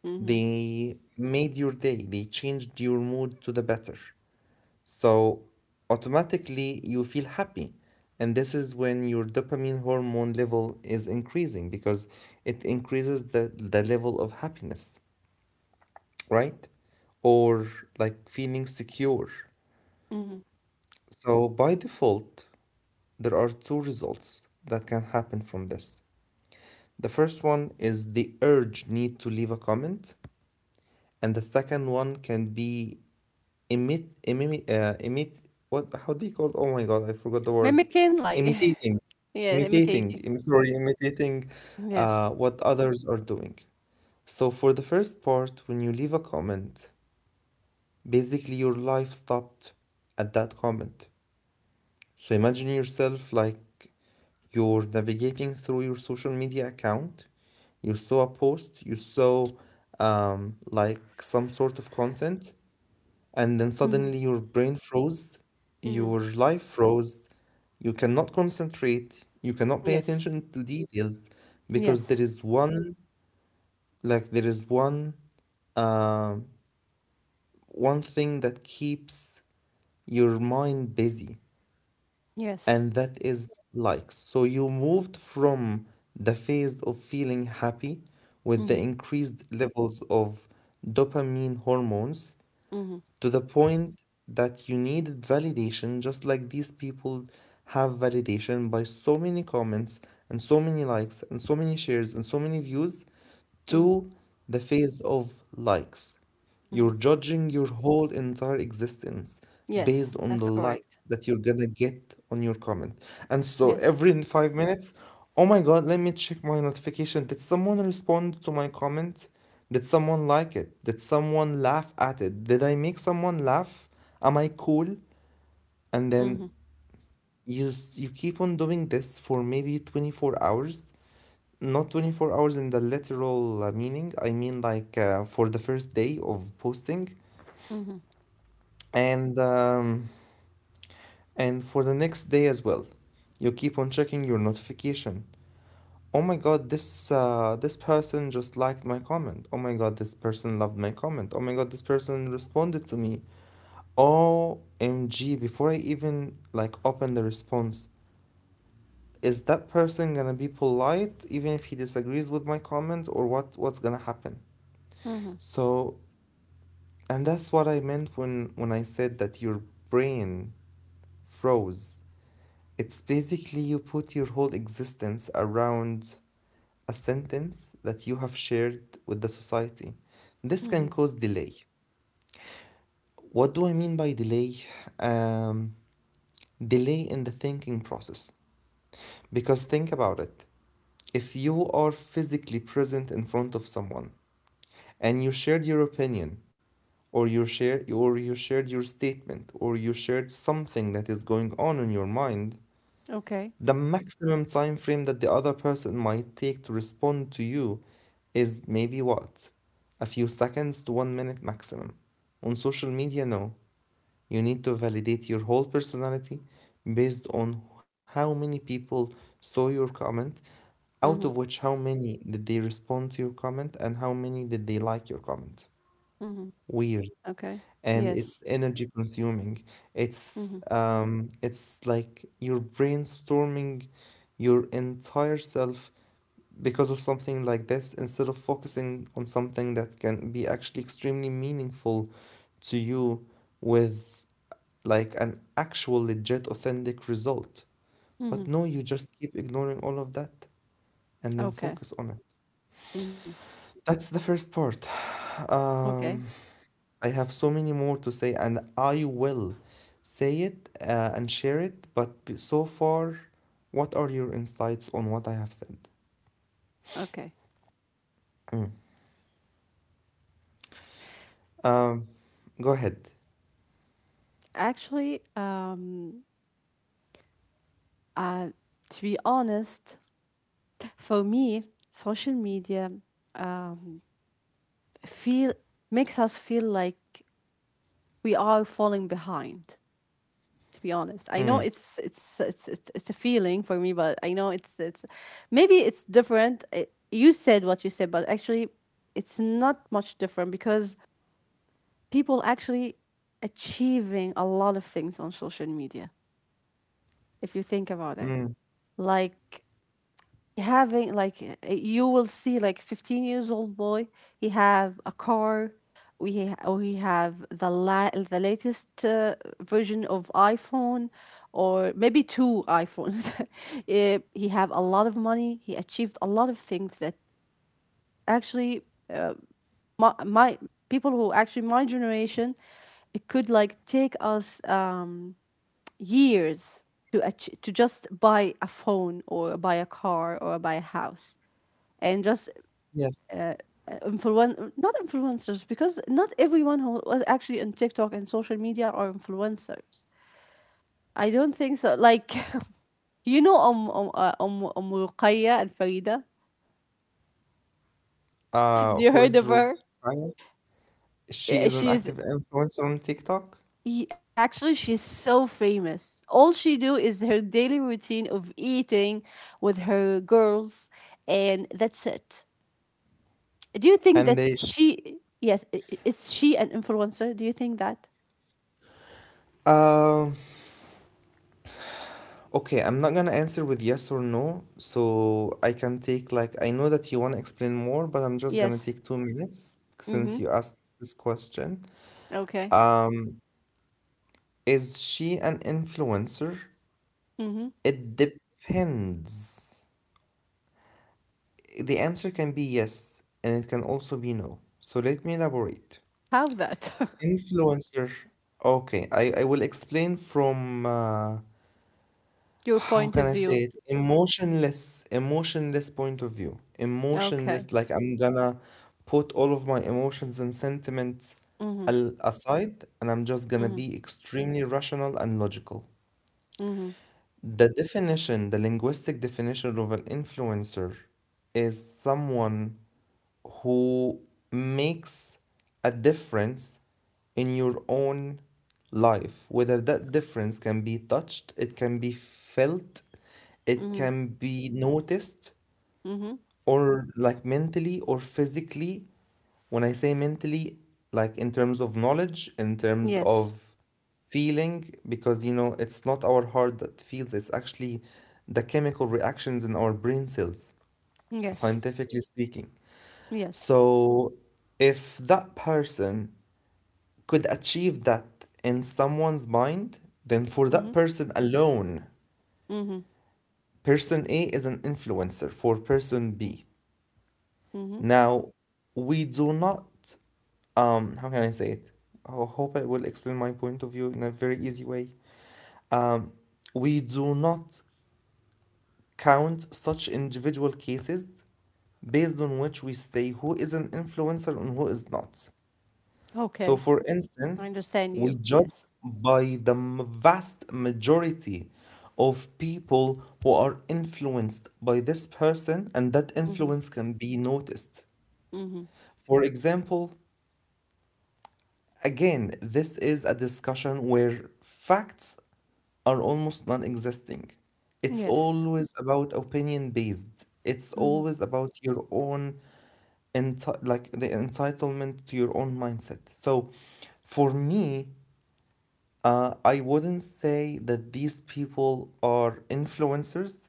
S2: Mhm.
S1: They made your day. They changed your mood to the better. So automatically you feel happy. And this is when your dopamine hormone level is increasing, because it increases the level of happiness, right? Or like feeling secure.
S2: Mhm.
S1: So by default, there are two results that can happen from this. The first one is the urge need to leave a comment, and the second one can be Imit, imit, uh, imit, what, how do you call it? Oh my God, I forgot the word.
S2: Mimicking, like,
S1: Imitating,
S2: <laughs> yeah,
S1: imitating,
S2: imitating.
S1: I'm sorry, imitating
S2: Yes.
S1: what others are doing. So for the first part, when you leave a comment, basically your life stopped at that comment. So imagine yourself like you're navigating through your social media account, you saw a post, you saw like some sort of content, and then suddenly
S2: Mhm.
S1: your brain froze, your
S2: Mhm.
S1: life froze, you cannot concentrate, you cannot pay
S2: Yes.
S1: attention to details, because there
S2: Yes.
S1: is one like there is one uh, one thing that keeps your mind busy,
S2: Yes.
S1: and that is likes. So you moved from the phase of feeling happy with the
S2: Mm-hmm.
S1: increased levels of dopamine hormones
S2: Mm-hmm.
S1: to the point that you needed validation, just like these people have validation by so many comments and so many likes and so many shares and so many views.
S2: Mm-hmm.
S1: Two, the phase of likes. You're
S2: Mm-hmm.
S1: judging your whole entire existence based
S2: Yes,
S1: on the
S2: that's
S1: likes
S2: correct.
S1: that you're gonna get on your comment. And so
S2: Yes.
S1: every 5 minutes, oh my god, let me check my notification. Did someone respond to my comment? Did someone like it? Did someone laugh at it? Did I make someone laugh? Am I cool? And then
S2: Mm-hmm.
S1: you keep on doing this for maybe 24 hours, not 24 hours in the literal meaning. I mean like, for the first day of posting,
S2: Mm-hmm.
S1: and um, and for the next day as well. You keep on checking your notification. Oh my god, this person just liked my comment. Oh my god, this person loved my comment. Oh my god, this person responded to me. OMG, before I even like open the response, is that person gonna be polite even if he disagrees with my comment, or what's gonna happen?
S2: Mm-hmm.
S1: So. And that's what I meant when, I said that your brain froze. It's basically you put your whole existence around a sentence that you have shared with the society. This can
S2: Mm-hmm.
S1: cause delay. What do I mean by delay? Um, Delay in the thinking process. Because think about it, if you are physically present in front of someone and you shared your opinion, or you shared your statement, or you shared something that is going on in your mind,
S2: Okay.
S1: the maximum time frame that the other person might take to respond to you is maybe what, a few seconds to 1 minute maximum. On social media, no, you need to validate your whole personality based on how many people saw your comment, out of
S2: Mm-hmm.
S1: which how many did they respond to your comment and how many did they like your comment.
S2: Mm-hmm.
S1: Weird.
S2: Okay.
S1: And it's
S2: Yes.
S1: energy consuming.
S2: Mm-hmm.
S1: It's like you're brainstorming your entire self because of something like this, instead of focusing on something that can be actually extremely meaningful to you, with like an actual legit authentic result.
S2: Mm-hmm.
S1: But no, you just keep ignoring all of that and then
S2: Okay.
S1: focus on it.
S2: Mm-hmm.
S1: That's the first part.
S2: Okay.
S1: Um, I have so many more to say, and I will say it and share it. But so far, what are your insights on what I have said?
S2: Okay.
S1: Mm. Um, Go ahead.
S2: Actually, uh, to be honest, for me, social media, um feel makes us feel like we are falling behind, to be honest. I know
S1: Mm.
S2: it's a feeling for me, but I know it's maybe it's different. You said what you said, but actually, it's not much different because people actually achieving a lot of things on social media, if you think about it.
S1: Mm.
S2: Like, they having like, you will see like 15 years old boy, he have a car, or he have the latest version of iphone, or maybe two iphones. <laughs> He have a lot of money, he achieved a lot of things that actually, uh, my people who actually my generation, it could like take us, years to ach- to just buy a phone or buy a car or buy a house, and just
S1: Yes.
S2: influence not influencers, because not everyone who was actually on TikTok and social media are influencers. I don't think so. Like, <laughs> Ruqayya and Farida. Do you
S1: Who
S2: heard
S1: is
S2: of her?
S1: Rukaya? She
S2: Yeah,
S1: is an active influencer on TikTok,
S2: Actually, she's so famous. All she do is her daily routine of eating with her girls, and that's it. Do you think
S1: and
S2: that
S1: they. Sh
S2: she? Yes, is she an influencer? Do you think that?
S1: um. Okay, I'm not gonna answer with yes or no, so I can take like, I know that you wanna explain more, but I'm just gonna
S2: Yes.
S1: take 2 minutes
S2: Mm-hmm.
S1: since you asked this question.
S2: Okay.
S1: Um, Is she an influencer?
S2: Mm-hmm.
S1: It depends. The answer can be yes, and it can also be no. So let me elaborate.
S2: Have that. <laughs>
S1: Influencer. Okay, I will explain from
S2: Your
S1: how
S2: point
S1: can
S2: of
S1: I say
S2: view.
S1: it? Emotionless, emotionless point of view.
S2: Okay.
S1: Emotionless, like I'm gonna put all of my emotions and sentiments
S2: Mm-hmm.
S1: aside, and I'm just gonna
S2: Mm-hmm.
S1: be extremely rational and logical.
S2: Mm-hmm.
S1: The definition, the linguistic definition of an influencer is someone who makes a difference in your own life. Whether that difference can be touched, it can be felt, it
S2: Mm-hmm.
S1: can be noticed,
S2: Mm-hmm.
S1: or like mentally or physically. When I say mentally, like in terms of knowledge, in terms
S2: Yes.
S1: of feeling, because you know, it's not our heart that feels, it's actually the chemical reactions in our brain cells,
S2: Yes.
S1: scientifically speaking.
S2: Yes.
S1: So if that person could achieve that in someone's mind, then for
S2: Mm-hmm.
S1: that person alone,
S2: Mm-hmm.
S1: person A is an influencer for person B.
S2: Mm-hmm.
S1: Now, we do not, how can I say it? I hope I will explain my point of view in a very easy way. Um, we do not count such individual cases based on which we say who is an influencer and who is not. So,
S2: Okay.
S1: for
S2: I
S1: instance,
S2: understand
S1: we
S2: you.
S1: judge
S2: Yes.
S1: by the vast majority of people who are influenced by this person, and that
S2: Mm-hmm.
S1: influence can be noticed.
S2: Mm-hmm.
S1: For example, Again, this is a discussion where facts are almost non existing. It's
S2: Yes.
S1: always about opinion based, it's
S2: Mm-hmm.
S1: always about your own, like the entitlement to your own mindset. So for me, I wouldn't say that these people are influencers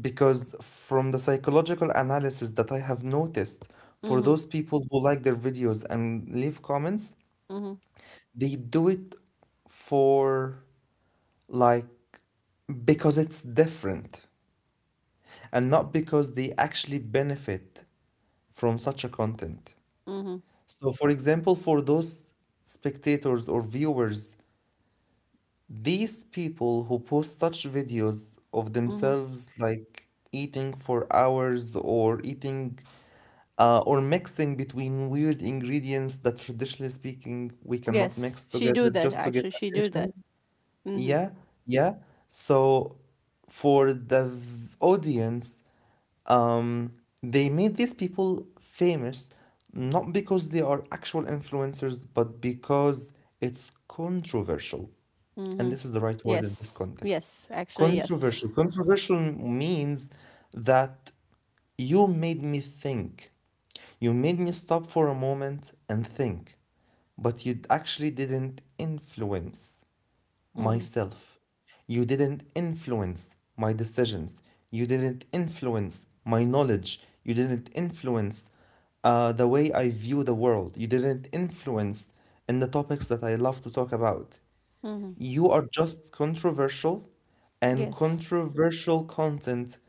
S1: because from the psychological analysis that I have noticed for those
S2: Mm-hmm.
S1: people who like their videos and leave comments,
S2: Mm-hmm.
S1: they do it for like because it's different and not because they actually benefit from such a content.
S2: Mm-hmm.
S1: So, for example, for those spectators or viewers, these people who post such videos of
S2: Mm-hmm.
S1: themselves like eating for hours or eating or mixing between weird ingredients that traditionally speaking we cannot mix
S2: Yes. She do
S1: together
S2: that
S1: just to get
S2: actually. She do
S1: attention.
S2: that. Mm-hmm.
S1: Yeah, yeah. So for the audience, um, they made these people famous not because they are actual influencers, but because it's controversial.
S2: Mm-hmm.
S1: And this is the right word in this
S2: Yes.
S1: context.
S2: Yes. Actually, yes.
S1: Controversial. Controversial means that you made me think. You made me stop for a moment and think, but you actually didn't influence
S2: Mm-hmm.
S1: myself. You didn't influence my decisions. You didn't influence my knowledge. You didn't influence the way I view the world. You didn't influence in the topics that I love to talk about.
S2: Mm-hmm.
S1: You are just controversial, and
S2: Yes.
S1: controversial content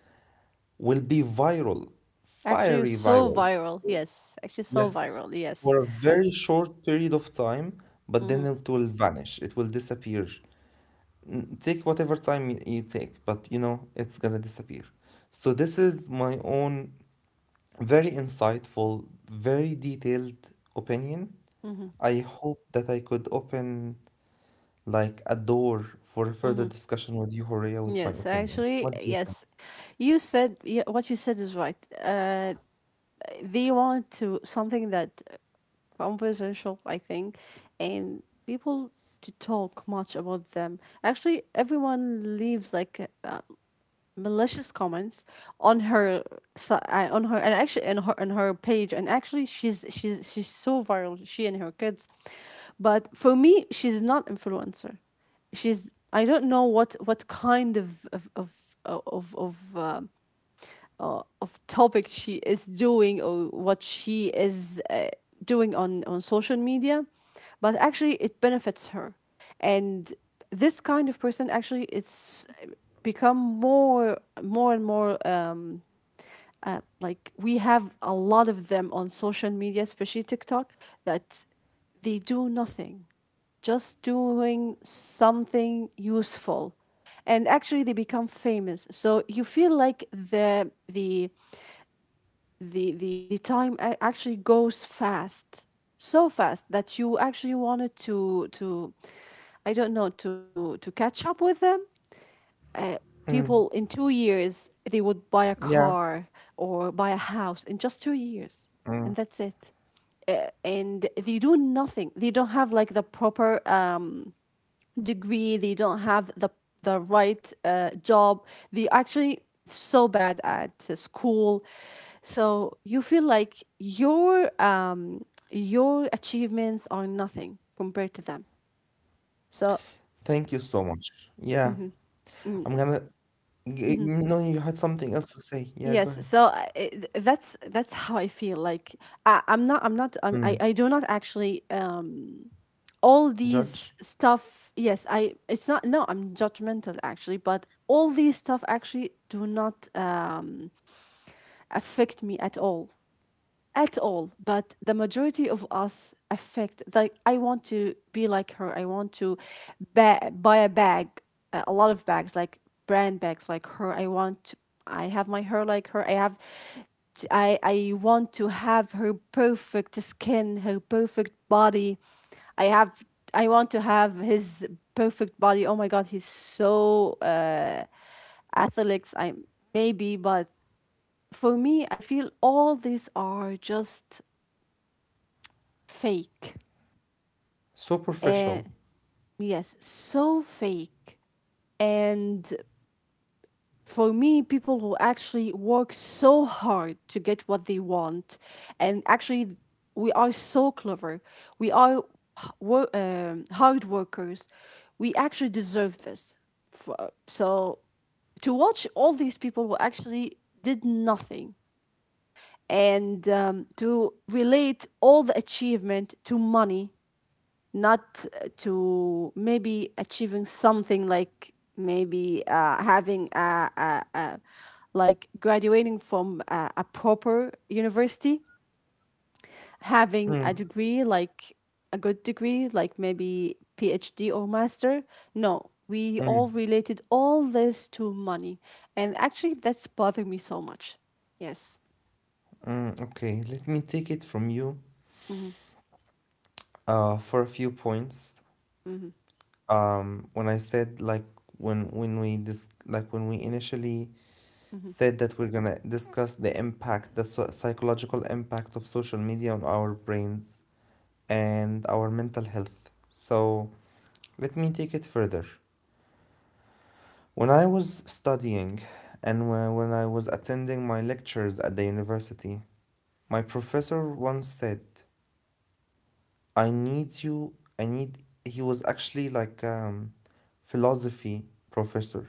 S1: will be viral,
S2: Actually,
S1: fiery
S2: so
S1: viral.
S2: viral. Yes. Actually, so
S1: Yes,
S2: viral. Yes.
S1: for a very short period of time, but then
S2: Mm-hmm.
S1: it will vanish, it will disappear. Take whatever time you take, but you know it's gonna disappear. So this is my own very insightful, very detailed opinion.
S2: Mm-hmm,
S1: I hope that I could open like a door for further
S2: mm-hmm.
S1: discussion with you, Horea. With my
S2: Yes,
S1: opinion,
S2: actually,
S1: what do you think?
S2: yes. You said, yeah, what you said is right. Uh, they want to something that, conversational, I think, and people to talk much about them. Actually, everyone leaves like, malicious comments on her, on her, and actually on her page. And actually, she's so viral. She and her kids, but for me, she's not influencer, she's I don't know what kind of topic she is doing, or what she is doing on social media, but actually it benefits her. And this kind of person actually it's become more and more, like, we have a lot of them on social media, especially tiktok, that they do nothing, just doing something useful, and actually they become famous. So you feel like the time, actually goes fast, so fast, that you actually wanted to, I don't know, to catch up with them.
S1: Mm,
S2: People in 2 years they would buy a
S1: yeah.
S2: car, or buy a house in just 2 years,
S1: Mm.
S2: and that's it. And they do nothing, they don't have like the proper, degree, they don't have the right job. They actually so bad at school. So you feel like your, achievements are nothing compared to them. So.
S1: Thank you so much. Yeah,
S2: Mhm, mm,
S1: i'm gonna
S2: mhm.
S1: no, you had something else to say, yeah, go
S2: Yes,
S1: ahead.
S2: so it, that's how I feel. Like, I, I'm not, I'm not, I'm,
S1: Mm.
S2: I do not actually. All these
S1: Judge.
S2: stuff, yes, I. It's not. No, I'm judgmental actually, but all these stuff actually do not affect me at all, at all. But the majority of us affect, like, I want to be like her, I want to buy a bag, a lot of bags like brand bags like her, I have my hair like her, I want to have her perfect skin, her perfect body. I have i want to have his perfect body. Oh my god, he's so athletic. I maybe But for me, I feel all these are just fake.
S1: Superficial.
S2: And
S1: Professional.
S2: yes, so fake. And for me, people who actually work so hard to get what they want. And actually, we are so clever. We are hard workers. We actually deserve this. So to watch all these people who actually did nothing, and, to relate all the achievement to money, not to maybe achieving something, like maybe, having a like graduating from a proper university, having a
S1: Mm,
S2: degree, like a good degree, like maybe PhD or master. No, we
S1: mm,
S2: all related all this to money, and actually, that's bothering me so much. Yes.
S1: mm, okay, let me take it from you.
S2: Mm-hmm.
S1: For a few points.
S2: Mm-hmm.
S1: When I said, like, when we dis like when we initially
S2: Mm-hmm.
S1: said that we're gonna discuss the impact, the psychological impact of social media on our brains and our mental health. So let me take it further. When I was studying, and when I was attending my lectures at the university, my professor once said, I need you. I need. He was actually like philosophy professor,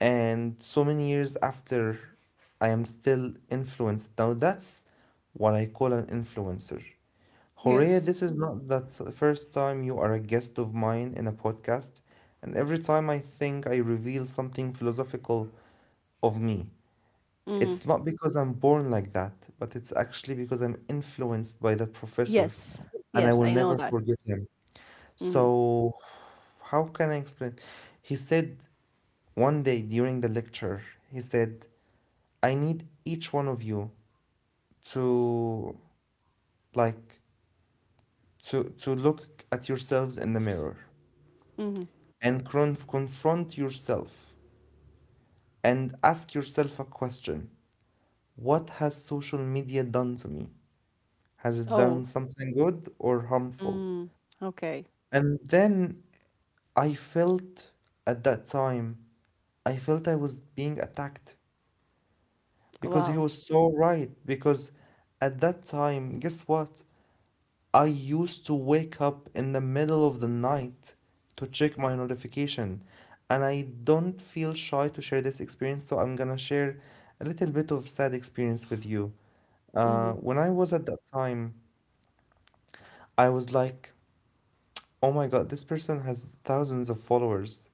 S1: and so many years after, I am still influenced. Now that's what I call an influencer. Horea,
S2: Yes.
S1: this is not the first time you are a guest of mine in a podcast, and every time I think I reveal something philosophical of me.
S2: Mm-hmm.
S1: It's not because I'm born like that, but it's actually because I'm influenced by that professor,
S2: Yes.
S1: and I
S2: Yes,
S1: will
S2: I know
S1: never
S2: that.
S1: forget him.
S2: Mm-hmm.
S1: So, how can I explain? He said one day during the lecture, he said, I need each one of you to, like, to look at yourselves in the mirror
S2: Mm-hmm.
S1: and confront yourself and ask yourself a question. What has social media done to me? Has it done
S2: Oh.
S1: something good or harmful?
S2: Mm. Okay.
S1: And then I felt, at that time, I felt I was being attacked. Because he
S2: Wow.
S1: was so right. Because at that time, guess what? I used to wake up in the middle of the night to check my notification. And I don't feel shy to share this experience, so I'm gonna share a little bit of sad experience with you.
S2: Mhm.
S1: When I was at that time, I was like, oh my god, this person has thousands of followers,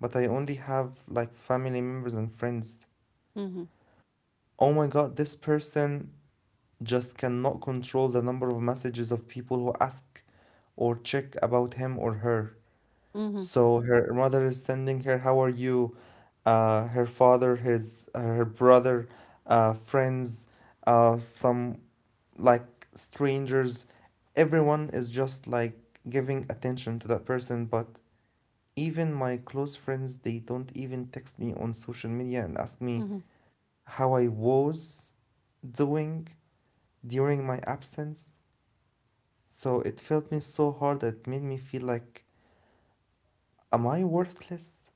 S1: but I only have like family members and friends.
S2: Mhm.
S1: Oh my god, this person just cannot control the number of messages of people who ask or check about him or her.
S2: Mhm.
S1: So her mother is sending her, "How are you?" Her father, his her brother, friends, some like strangers. Everyone is just like giving attention to that person. But even my close friends, they don't even text me on social media and ask me
S2: Mhm.
S1: how I was doing during my absence. So it felt me so hard. It made me feel like, am I worthless?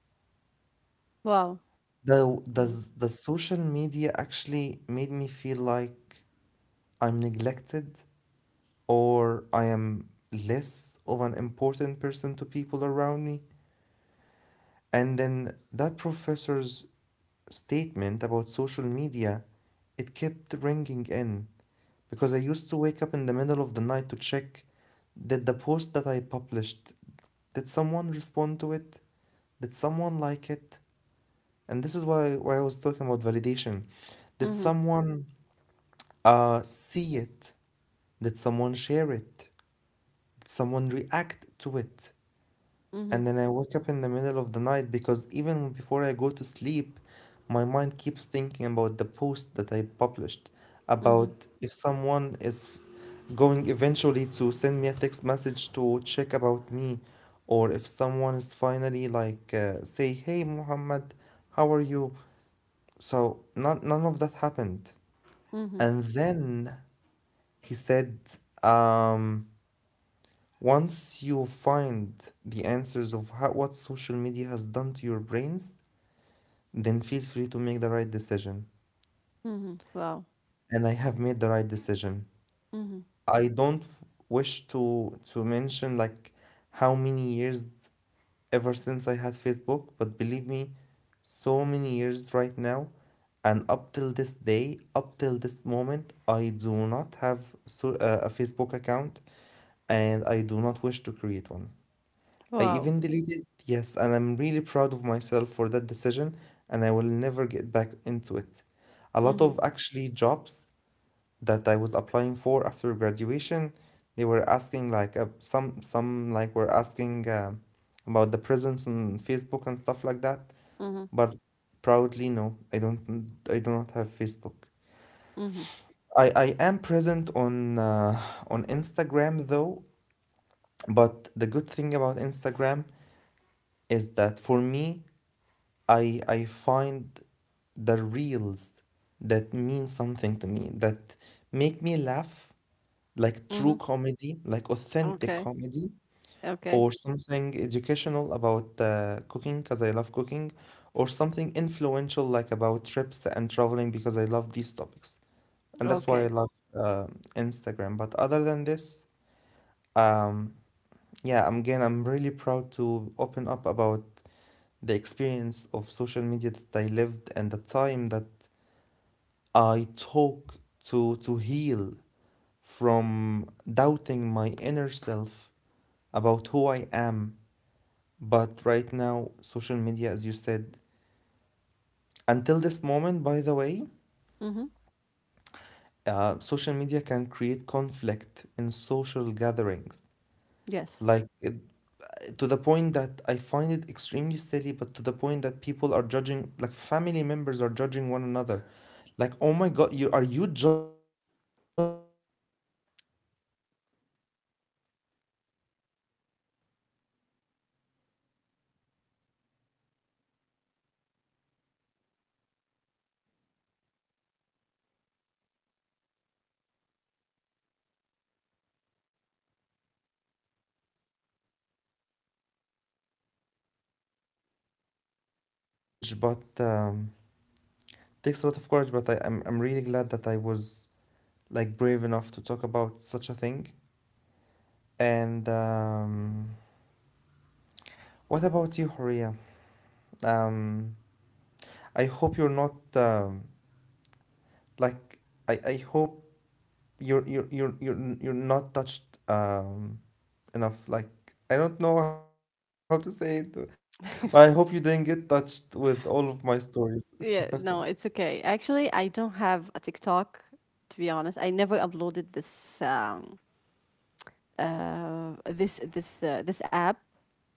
S2: Wow.
S1: The, the,
S2: Mhm.
S1: s- the social media actually made me feel like I'm neglected or I am less of an important person to people around me. And then that professor's statement about social media, it kept ringing in because I used to wake up in the middle of the night to check, did the post that I published, did someone respond to it? Did someone like it? And this is why I was talking about validation. Did
S2: Mhm.
S1: someone see it? Did someone share it? Did someone react to it? And
S2: Mhm.
S1: then I wake up in the middle of the night because even before I go to sleep, my mind keeps thinking about the post that I published,
S2: Mhm.
S1: about if someone is going eventually to send me a text message to check about me, or if someone is finally like, say, "Hey Muhammad, how are you?" So none of that happened.
S2: Mhm.
S1: And then he said, um, once you find the answers of how, what social media has done to your brains, then feel free to make the right decision.
S2: Mhm. Wow.
S1: And I have made the right decision.
S2: Mhm.
S1: I don't wish to mention like how many years ever since I had Facebook, but believe me, so many years right now, and up till this day, up till this moment, I do not have a Facebook account, and I do not wish to create one. I
S2: Wow.
S1: even deleted, yes, and I'm really proud of myself for that decision, and I will never get back into it. A lot
S2: Mhm.
S1: of actually jobs that I was applying for after graduation. They were asking like some, like, were asking, about the presence on Facebook and stuff like that.
S2: Mhm.
S1: But proudly, no, I don't. I do not have Facebook.
S2: Mhm.
S1: I am present on Instagram though. But the good thing about Instagram is that for me, I find the reels that mean something to me, that make me laugh, like true
S2: Mhm.
S1: comedy, like authentic
S2: Okay.
S1: comedy,
S2: Okay.
S1: or something educational about cooking because I love cooking, or something influential like about trips and traveling because I love these topics. And that's why I
S2: Okay.
S1: love uh, Instagram. But other than this, um, yeah, I'm, again, I'm really proud to open up about the experience of social media that I lived and the time that I took to heal from doubting my inner self about who I am. But right now, social media, as you said, until this moment, by the way,
S2: Mhm.
S1: social media can create conflict in social gatherings.
S2: Yes.
S1: Like, to the point that I find it extremely silly, but to the point that people are judging, like, family members are judging one another. Like, oh my God, you are you judging like your own family member for not liking your post? And when they see one another, oh, so you saw my post, but you didn't leave a comment. You didn't like it. Um, so yeah, it's, man, it takes a lot of courage, but takes a lot of courage, but I'm really glad that I was like brave enough to talk about such a thing. And what about you, Horia? Um, I hope you're not like I hope you're not touched um enough. Like, I don't know how to say it, but I
S2: <laughs>
S1: hope you didn't get touched with all of my stories.
S2: Yeah, no, it's okay. Actually, I don't have a TikTok, to be honest. I never uploaded this app,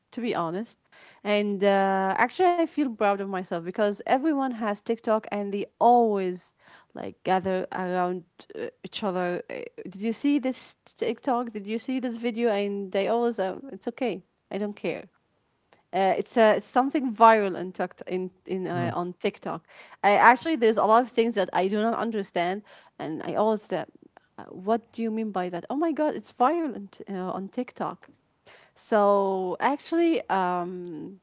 S2: to be honest. And actually, I feel proud of myself because everyone has TikTok and they always like gather around each other. Did you see this TikTok? Did you see this video? And they always, it's okay, I don't care. It's something viral on TikTok, in
S1: Mm.
S2: on TikTok. Actually, there's a lot of things that I do not understand, and I always that. What do you mean by that? Oh my god, it's violent on TikTok. So actually,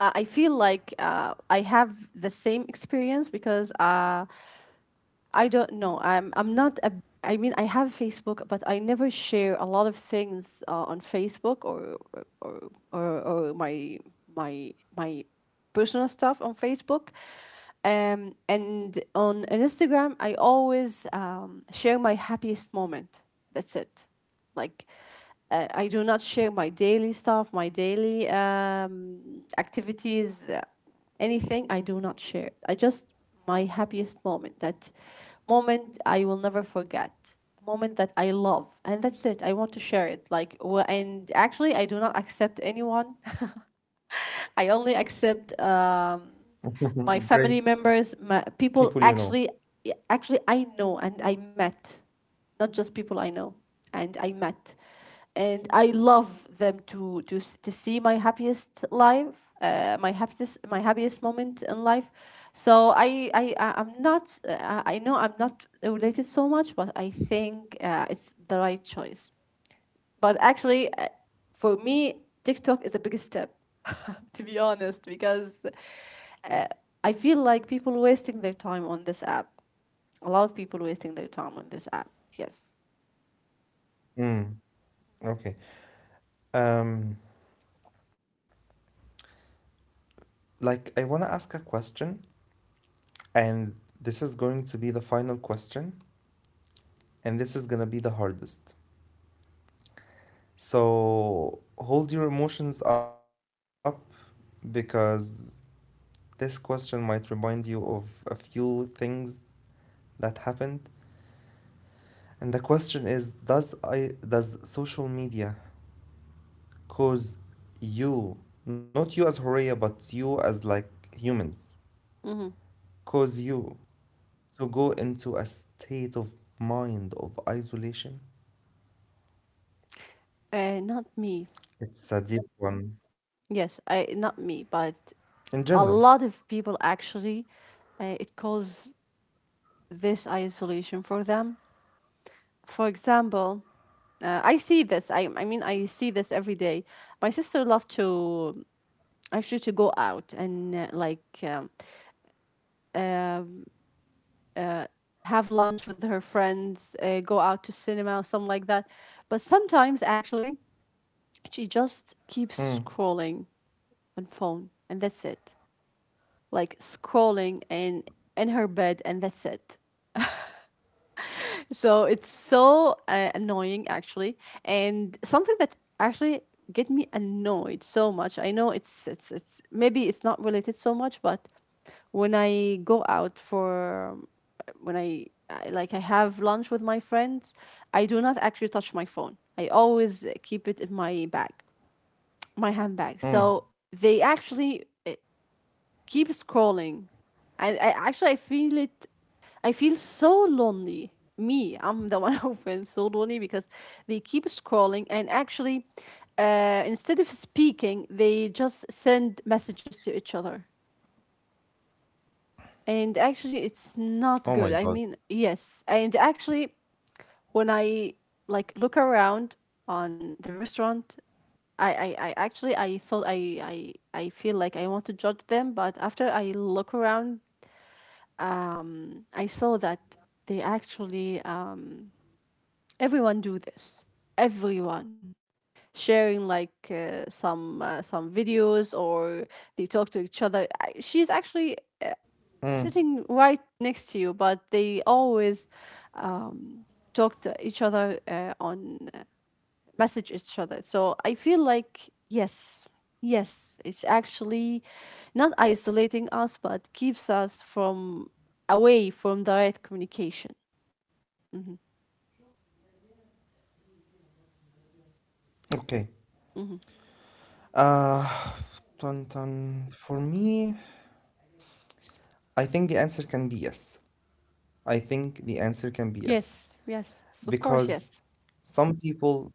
S2: I feel like, I have the same experience because, I don't know. I'm not a, I mean, I have Facebook, but I never share a lot of things on Facebook, or or, or my personal stuff on Facebook. And on Instagram, I always share my happiest moment. That's it. Like, I do not share my daily stuff, my daily activities. Anything I do not share. I just my happiest moment, that moment I will never forget, moment that I love, and that's it. I want to share it, like, and actually, I do not accept anyone. <laughs> I only accept, my
S1: <laughs> Great.
S2: family members, people,
S1: People you
S2: actually,
S1: know.
S2: actually I know and I met, not just people I know, and I met, and I love them to see my happiest life, my happiest, my happiest moment in life. So, I'm not, I know I'm not related so much, but I think it's the right choice. But actually, for me, TikTok is a big step, <laughs> to be honest, because uh, I feel like people wasting their time on this app. A lot of people wasting their time on this app. Yes.
S1: Mm. Okay. Um, like, I want to ask a question, and this is going to be the final question, and this is going to be the hardest. So, hold your emotions up because this question might remind you of a few things that happened. And the question is, does social media cause you, not you as Horea, but you as like humans,
S2: Mm-hmm.
S1: cause you to go into a state of mind of isolation.
S2: Not me.
S1: It's a deep one
S2: Yes, I not me, but
S1: in general.
S2: a lot of people actually, it causes this isolation for them. For example, I see this. I mean I see this every day. My sister loved to actually to go out and, like, uh, have lunch with her friends, go out to cinema or something like that. But sometimes actually, she just keeps scrolling
S1: Mm,
S2: on phone, and that's it. Like scrolling in her bed, and that's it. So it's so annoying actually, and something that actually get me annoyed so much. I know it's maybe it's not related so much, but when I go out for, when I like I have lunch with my friends, I do not actually touch my phone. I always keep it in my bag, my handbag. So they
S1: mm.
S2: actually keep scrolling. I actually I feel it. I feel so lonely. Me, I'm the one <laughs> who feels so lonely because they keep scrolling, and actually, instead of speaking, they just send messages to each other. And actually, it's not good. I
S1: Oh
S2: mean,
S1: my God.
S2: yes. And actually, when I like look around on the restaurant, I, I actually I thought, I feel like I want to judge them, but after I look around, I saw that, they actually everyone do this. Everyone sharing like,
S1: Mm,
S2: some videos, or they talk to each other. She's actually sitting right next to you, but they always um, talk to each other on message each other. So I feel like, yes. Yes, it's actually not isolating us, but keeps us from away from direct communication. Hmm.
S1: okay.
S2: Hmm.
S1: Uh, <sighs> dun, dun. For me, I think the answer can be yes. I think the answer can be yes
S2: Yes, yes, of course,
S1: because
S2: yes.
S1: some people,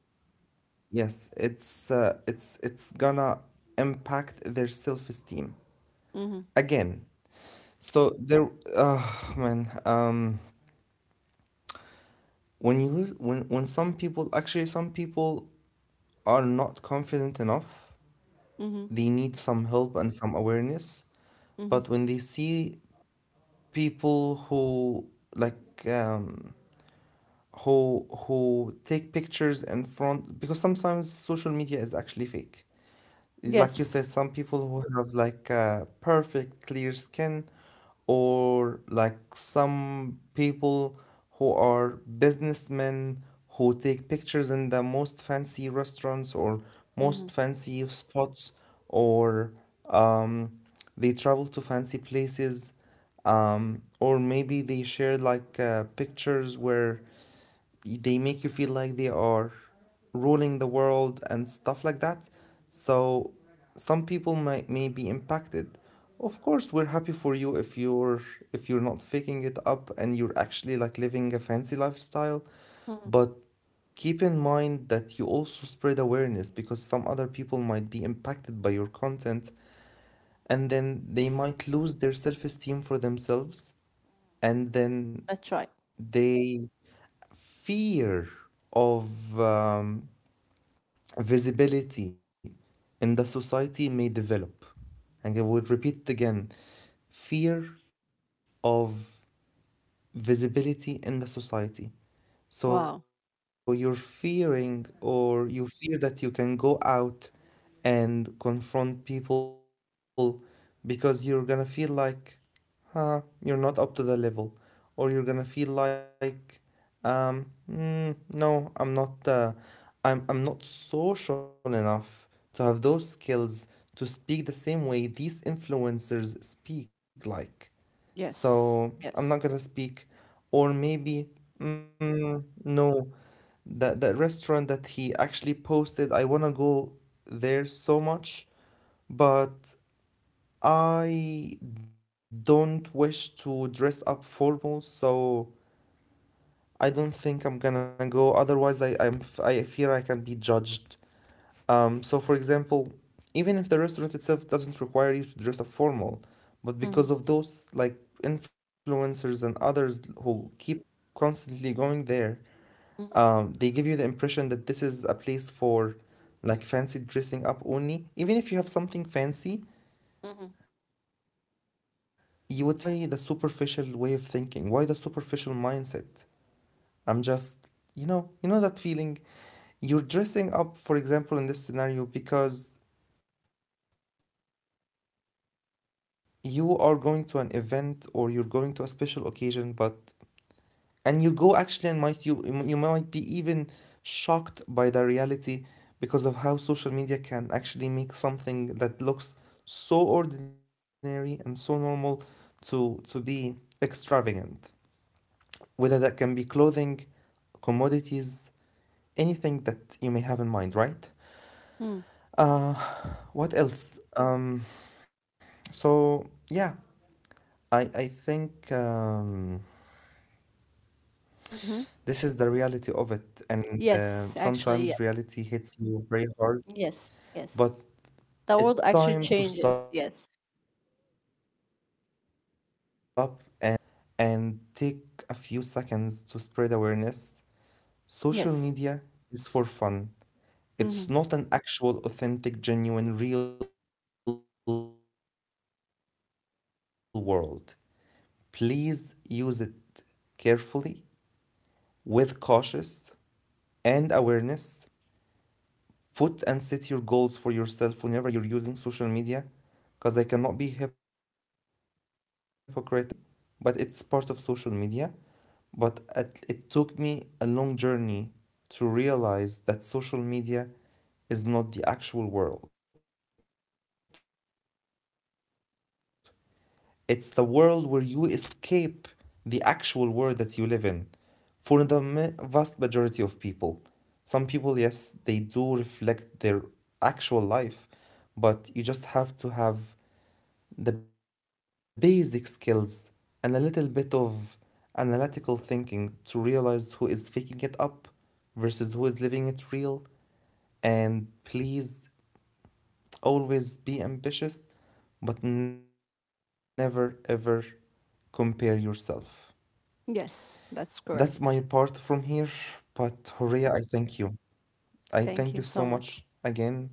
S1: yes, it's it's gonna impact their self-esteem
S2: Hmm.
S1: again. So there, oh man, when you when some people are not confident enough,
S2: Hmm.
S1: they need some help and some awareness.
S2: Hmm.
S1: But when they see people who like um, who take pictures in front, because sometimes social media is actually fake. Like you
S2: Yes.
S1: said, some people who have like a perfect clear skin, or like some people who are businessmen who take pictures in the most fancy restaurants or most
S2: Hmm.
S1: fancy spots, or um, they travel to fancy places, or maybe they share like pictures where they make you feel like they are ruling the world and stuff like that. So some people might may be impacted. Of course, we're happy for you if you're not faking it up and you're actually like living a fancy lifestyle,
S2: Hmm.
S1: but keep in mind that you also spread awareness, because some other people might be impacted by your content and then they might lose their self-esteem for themselves and then
S2: That's right.
S1: they fear of visibility in the society may develop. And I would repeat it again, fear of visibility in the society.
S2: Wow.
S1: So you're fearing, or you fear that you can go out and confront people because you're gonna feel like, huh, you're not up to the level, or you're gonna feel like, um, "Mm, no, I'm not, I'm not social enough to have those skills to speak the same way these influencers speak like.
S2: Yes,
S1: So
S2: yes.
S1: I'm not gonna speak, or maybe, mm, no, that restaurant that he actually posted, I wanna go there so much, but I don't wish to dress up formal, so I don't think I'm gonna go. Otherwise, I fear I can be judged. So for example, even if the restaurant itself doesn't require you to dress up formal, but because of
S2: Hmm.
S1: those like influencers and others who keep constantly going there, they give you the
S2: Hmm.
S1: impression that this is a place for like fancy dressing up only. Even if you have something fancy, you would feel like, why? Like, why the superficial way of thinking? Why the superficial mindset? I'm just, you know that feeling? You're dressing up, for example, in this scenario because you are going to an event or you're going to a special occasion, but and you go actually and might you you might be even shocked by the reality because of how social media can actually make something that looks so ordinary and so normal to be extravagant, whether that can be clothing, commodities, anything that you may have in mind, right?
S2: Hmm.
S1: uh what else so Yeah, I think
S2: Hmm.
S1: this is the reality of it, and
S2: Yes, actually, yes.
S1: sometimes reality hits you very hard,
S2: Yes,
S1: but
S2: yes. The
S1: it's
S2: world
S1: time
S2: actually
S1: to stop
S2: changes.
S1: and,
S2: Yes,
S1: yes, it's time to stop and take a few seconds to spread awareness. Social
S2: yes.
S1: media is for fun.
S2: Hmm.
S1: It's not an actual, authentic, genuine, real world. Please use it carefully, with cautious and awareness, put and set your goals for yourself whenever you're using social media, because I cannot be hypocrite and say I don't, because I do use Instagram only, but it's part of social media. But at, it took me a long journey to realize that social media is not the actual world. It's the world where you escape the actual world that you live in, for the vast majority of people. Some people, yes, they do reflect their actual life, but you just have to have the basic skills and a little bit of analytical thinking to realize who is faking it up versus who is living it real. And please always be ambitious, but never ever compare yourself. That's my part from here, but
S2: Yes,
S1: Horea, I
S2: that's
S1: thank
S2: correct.
S1: you. I thank you so much again for
S2: Thank
S1: the
S2: you so much.
S1: insights,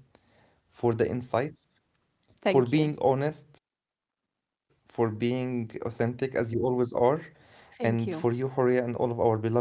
S1: for being honest, for being
S2: Thank you.
S1: authentic as you always are. And for you, Horea, and all of our beloved audience, please take care, you
S2: Thank you.
S1: guys. Thank you. Thank you.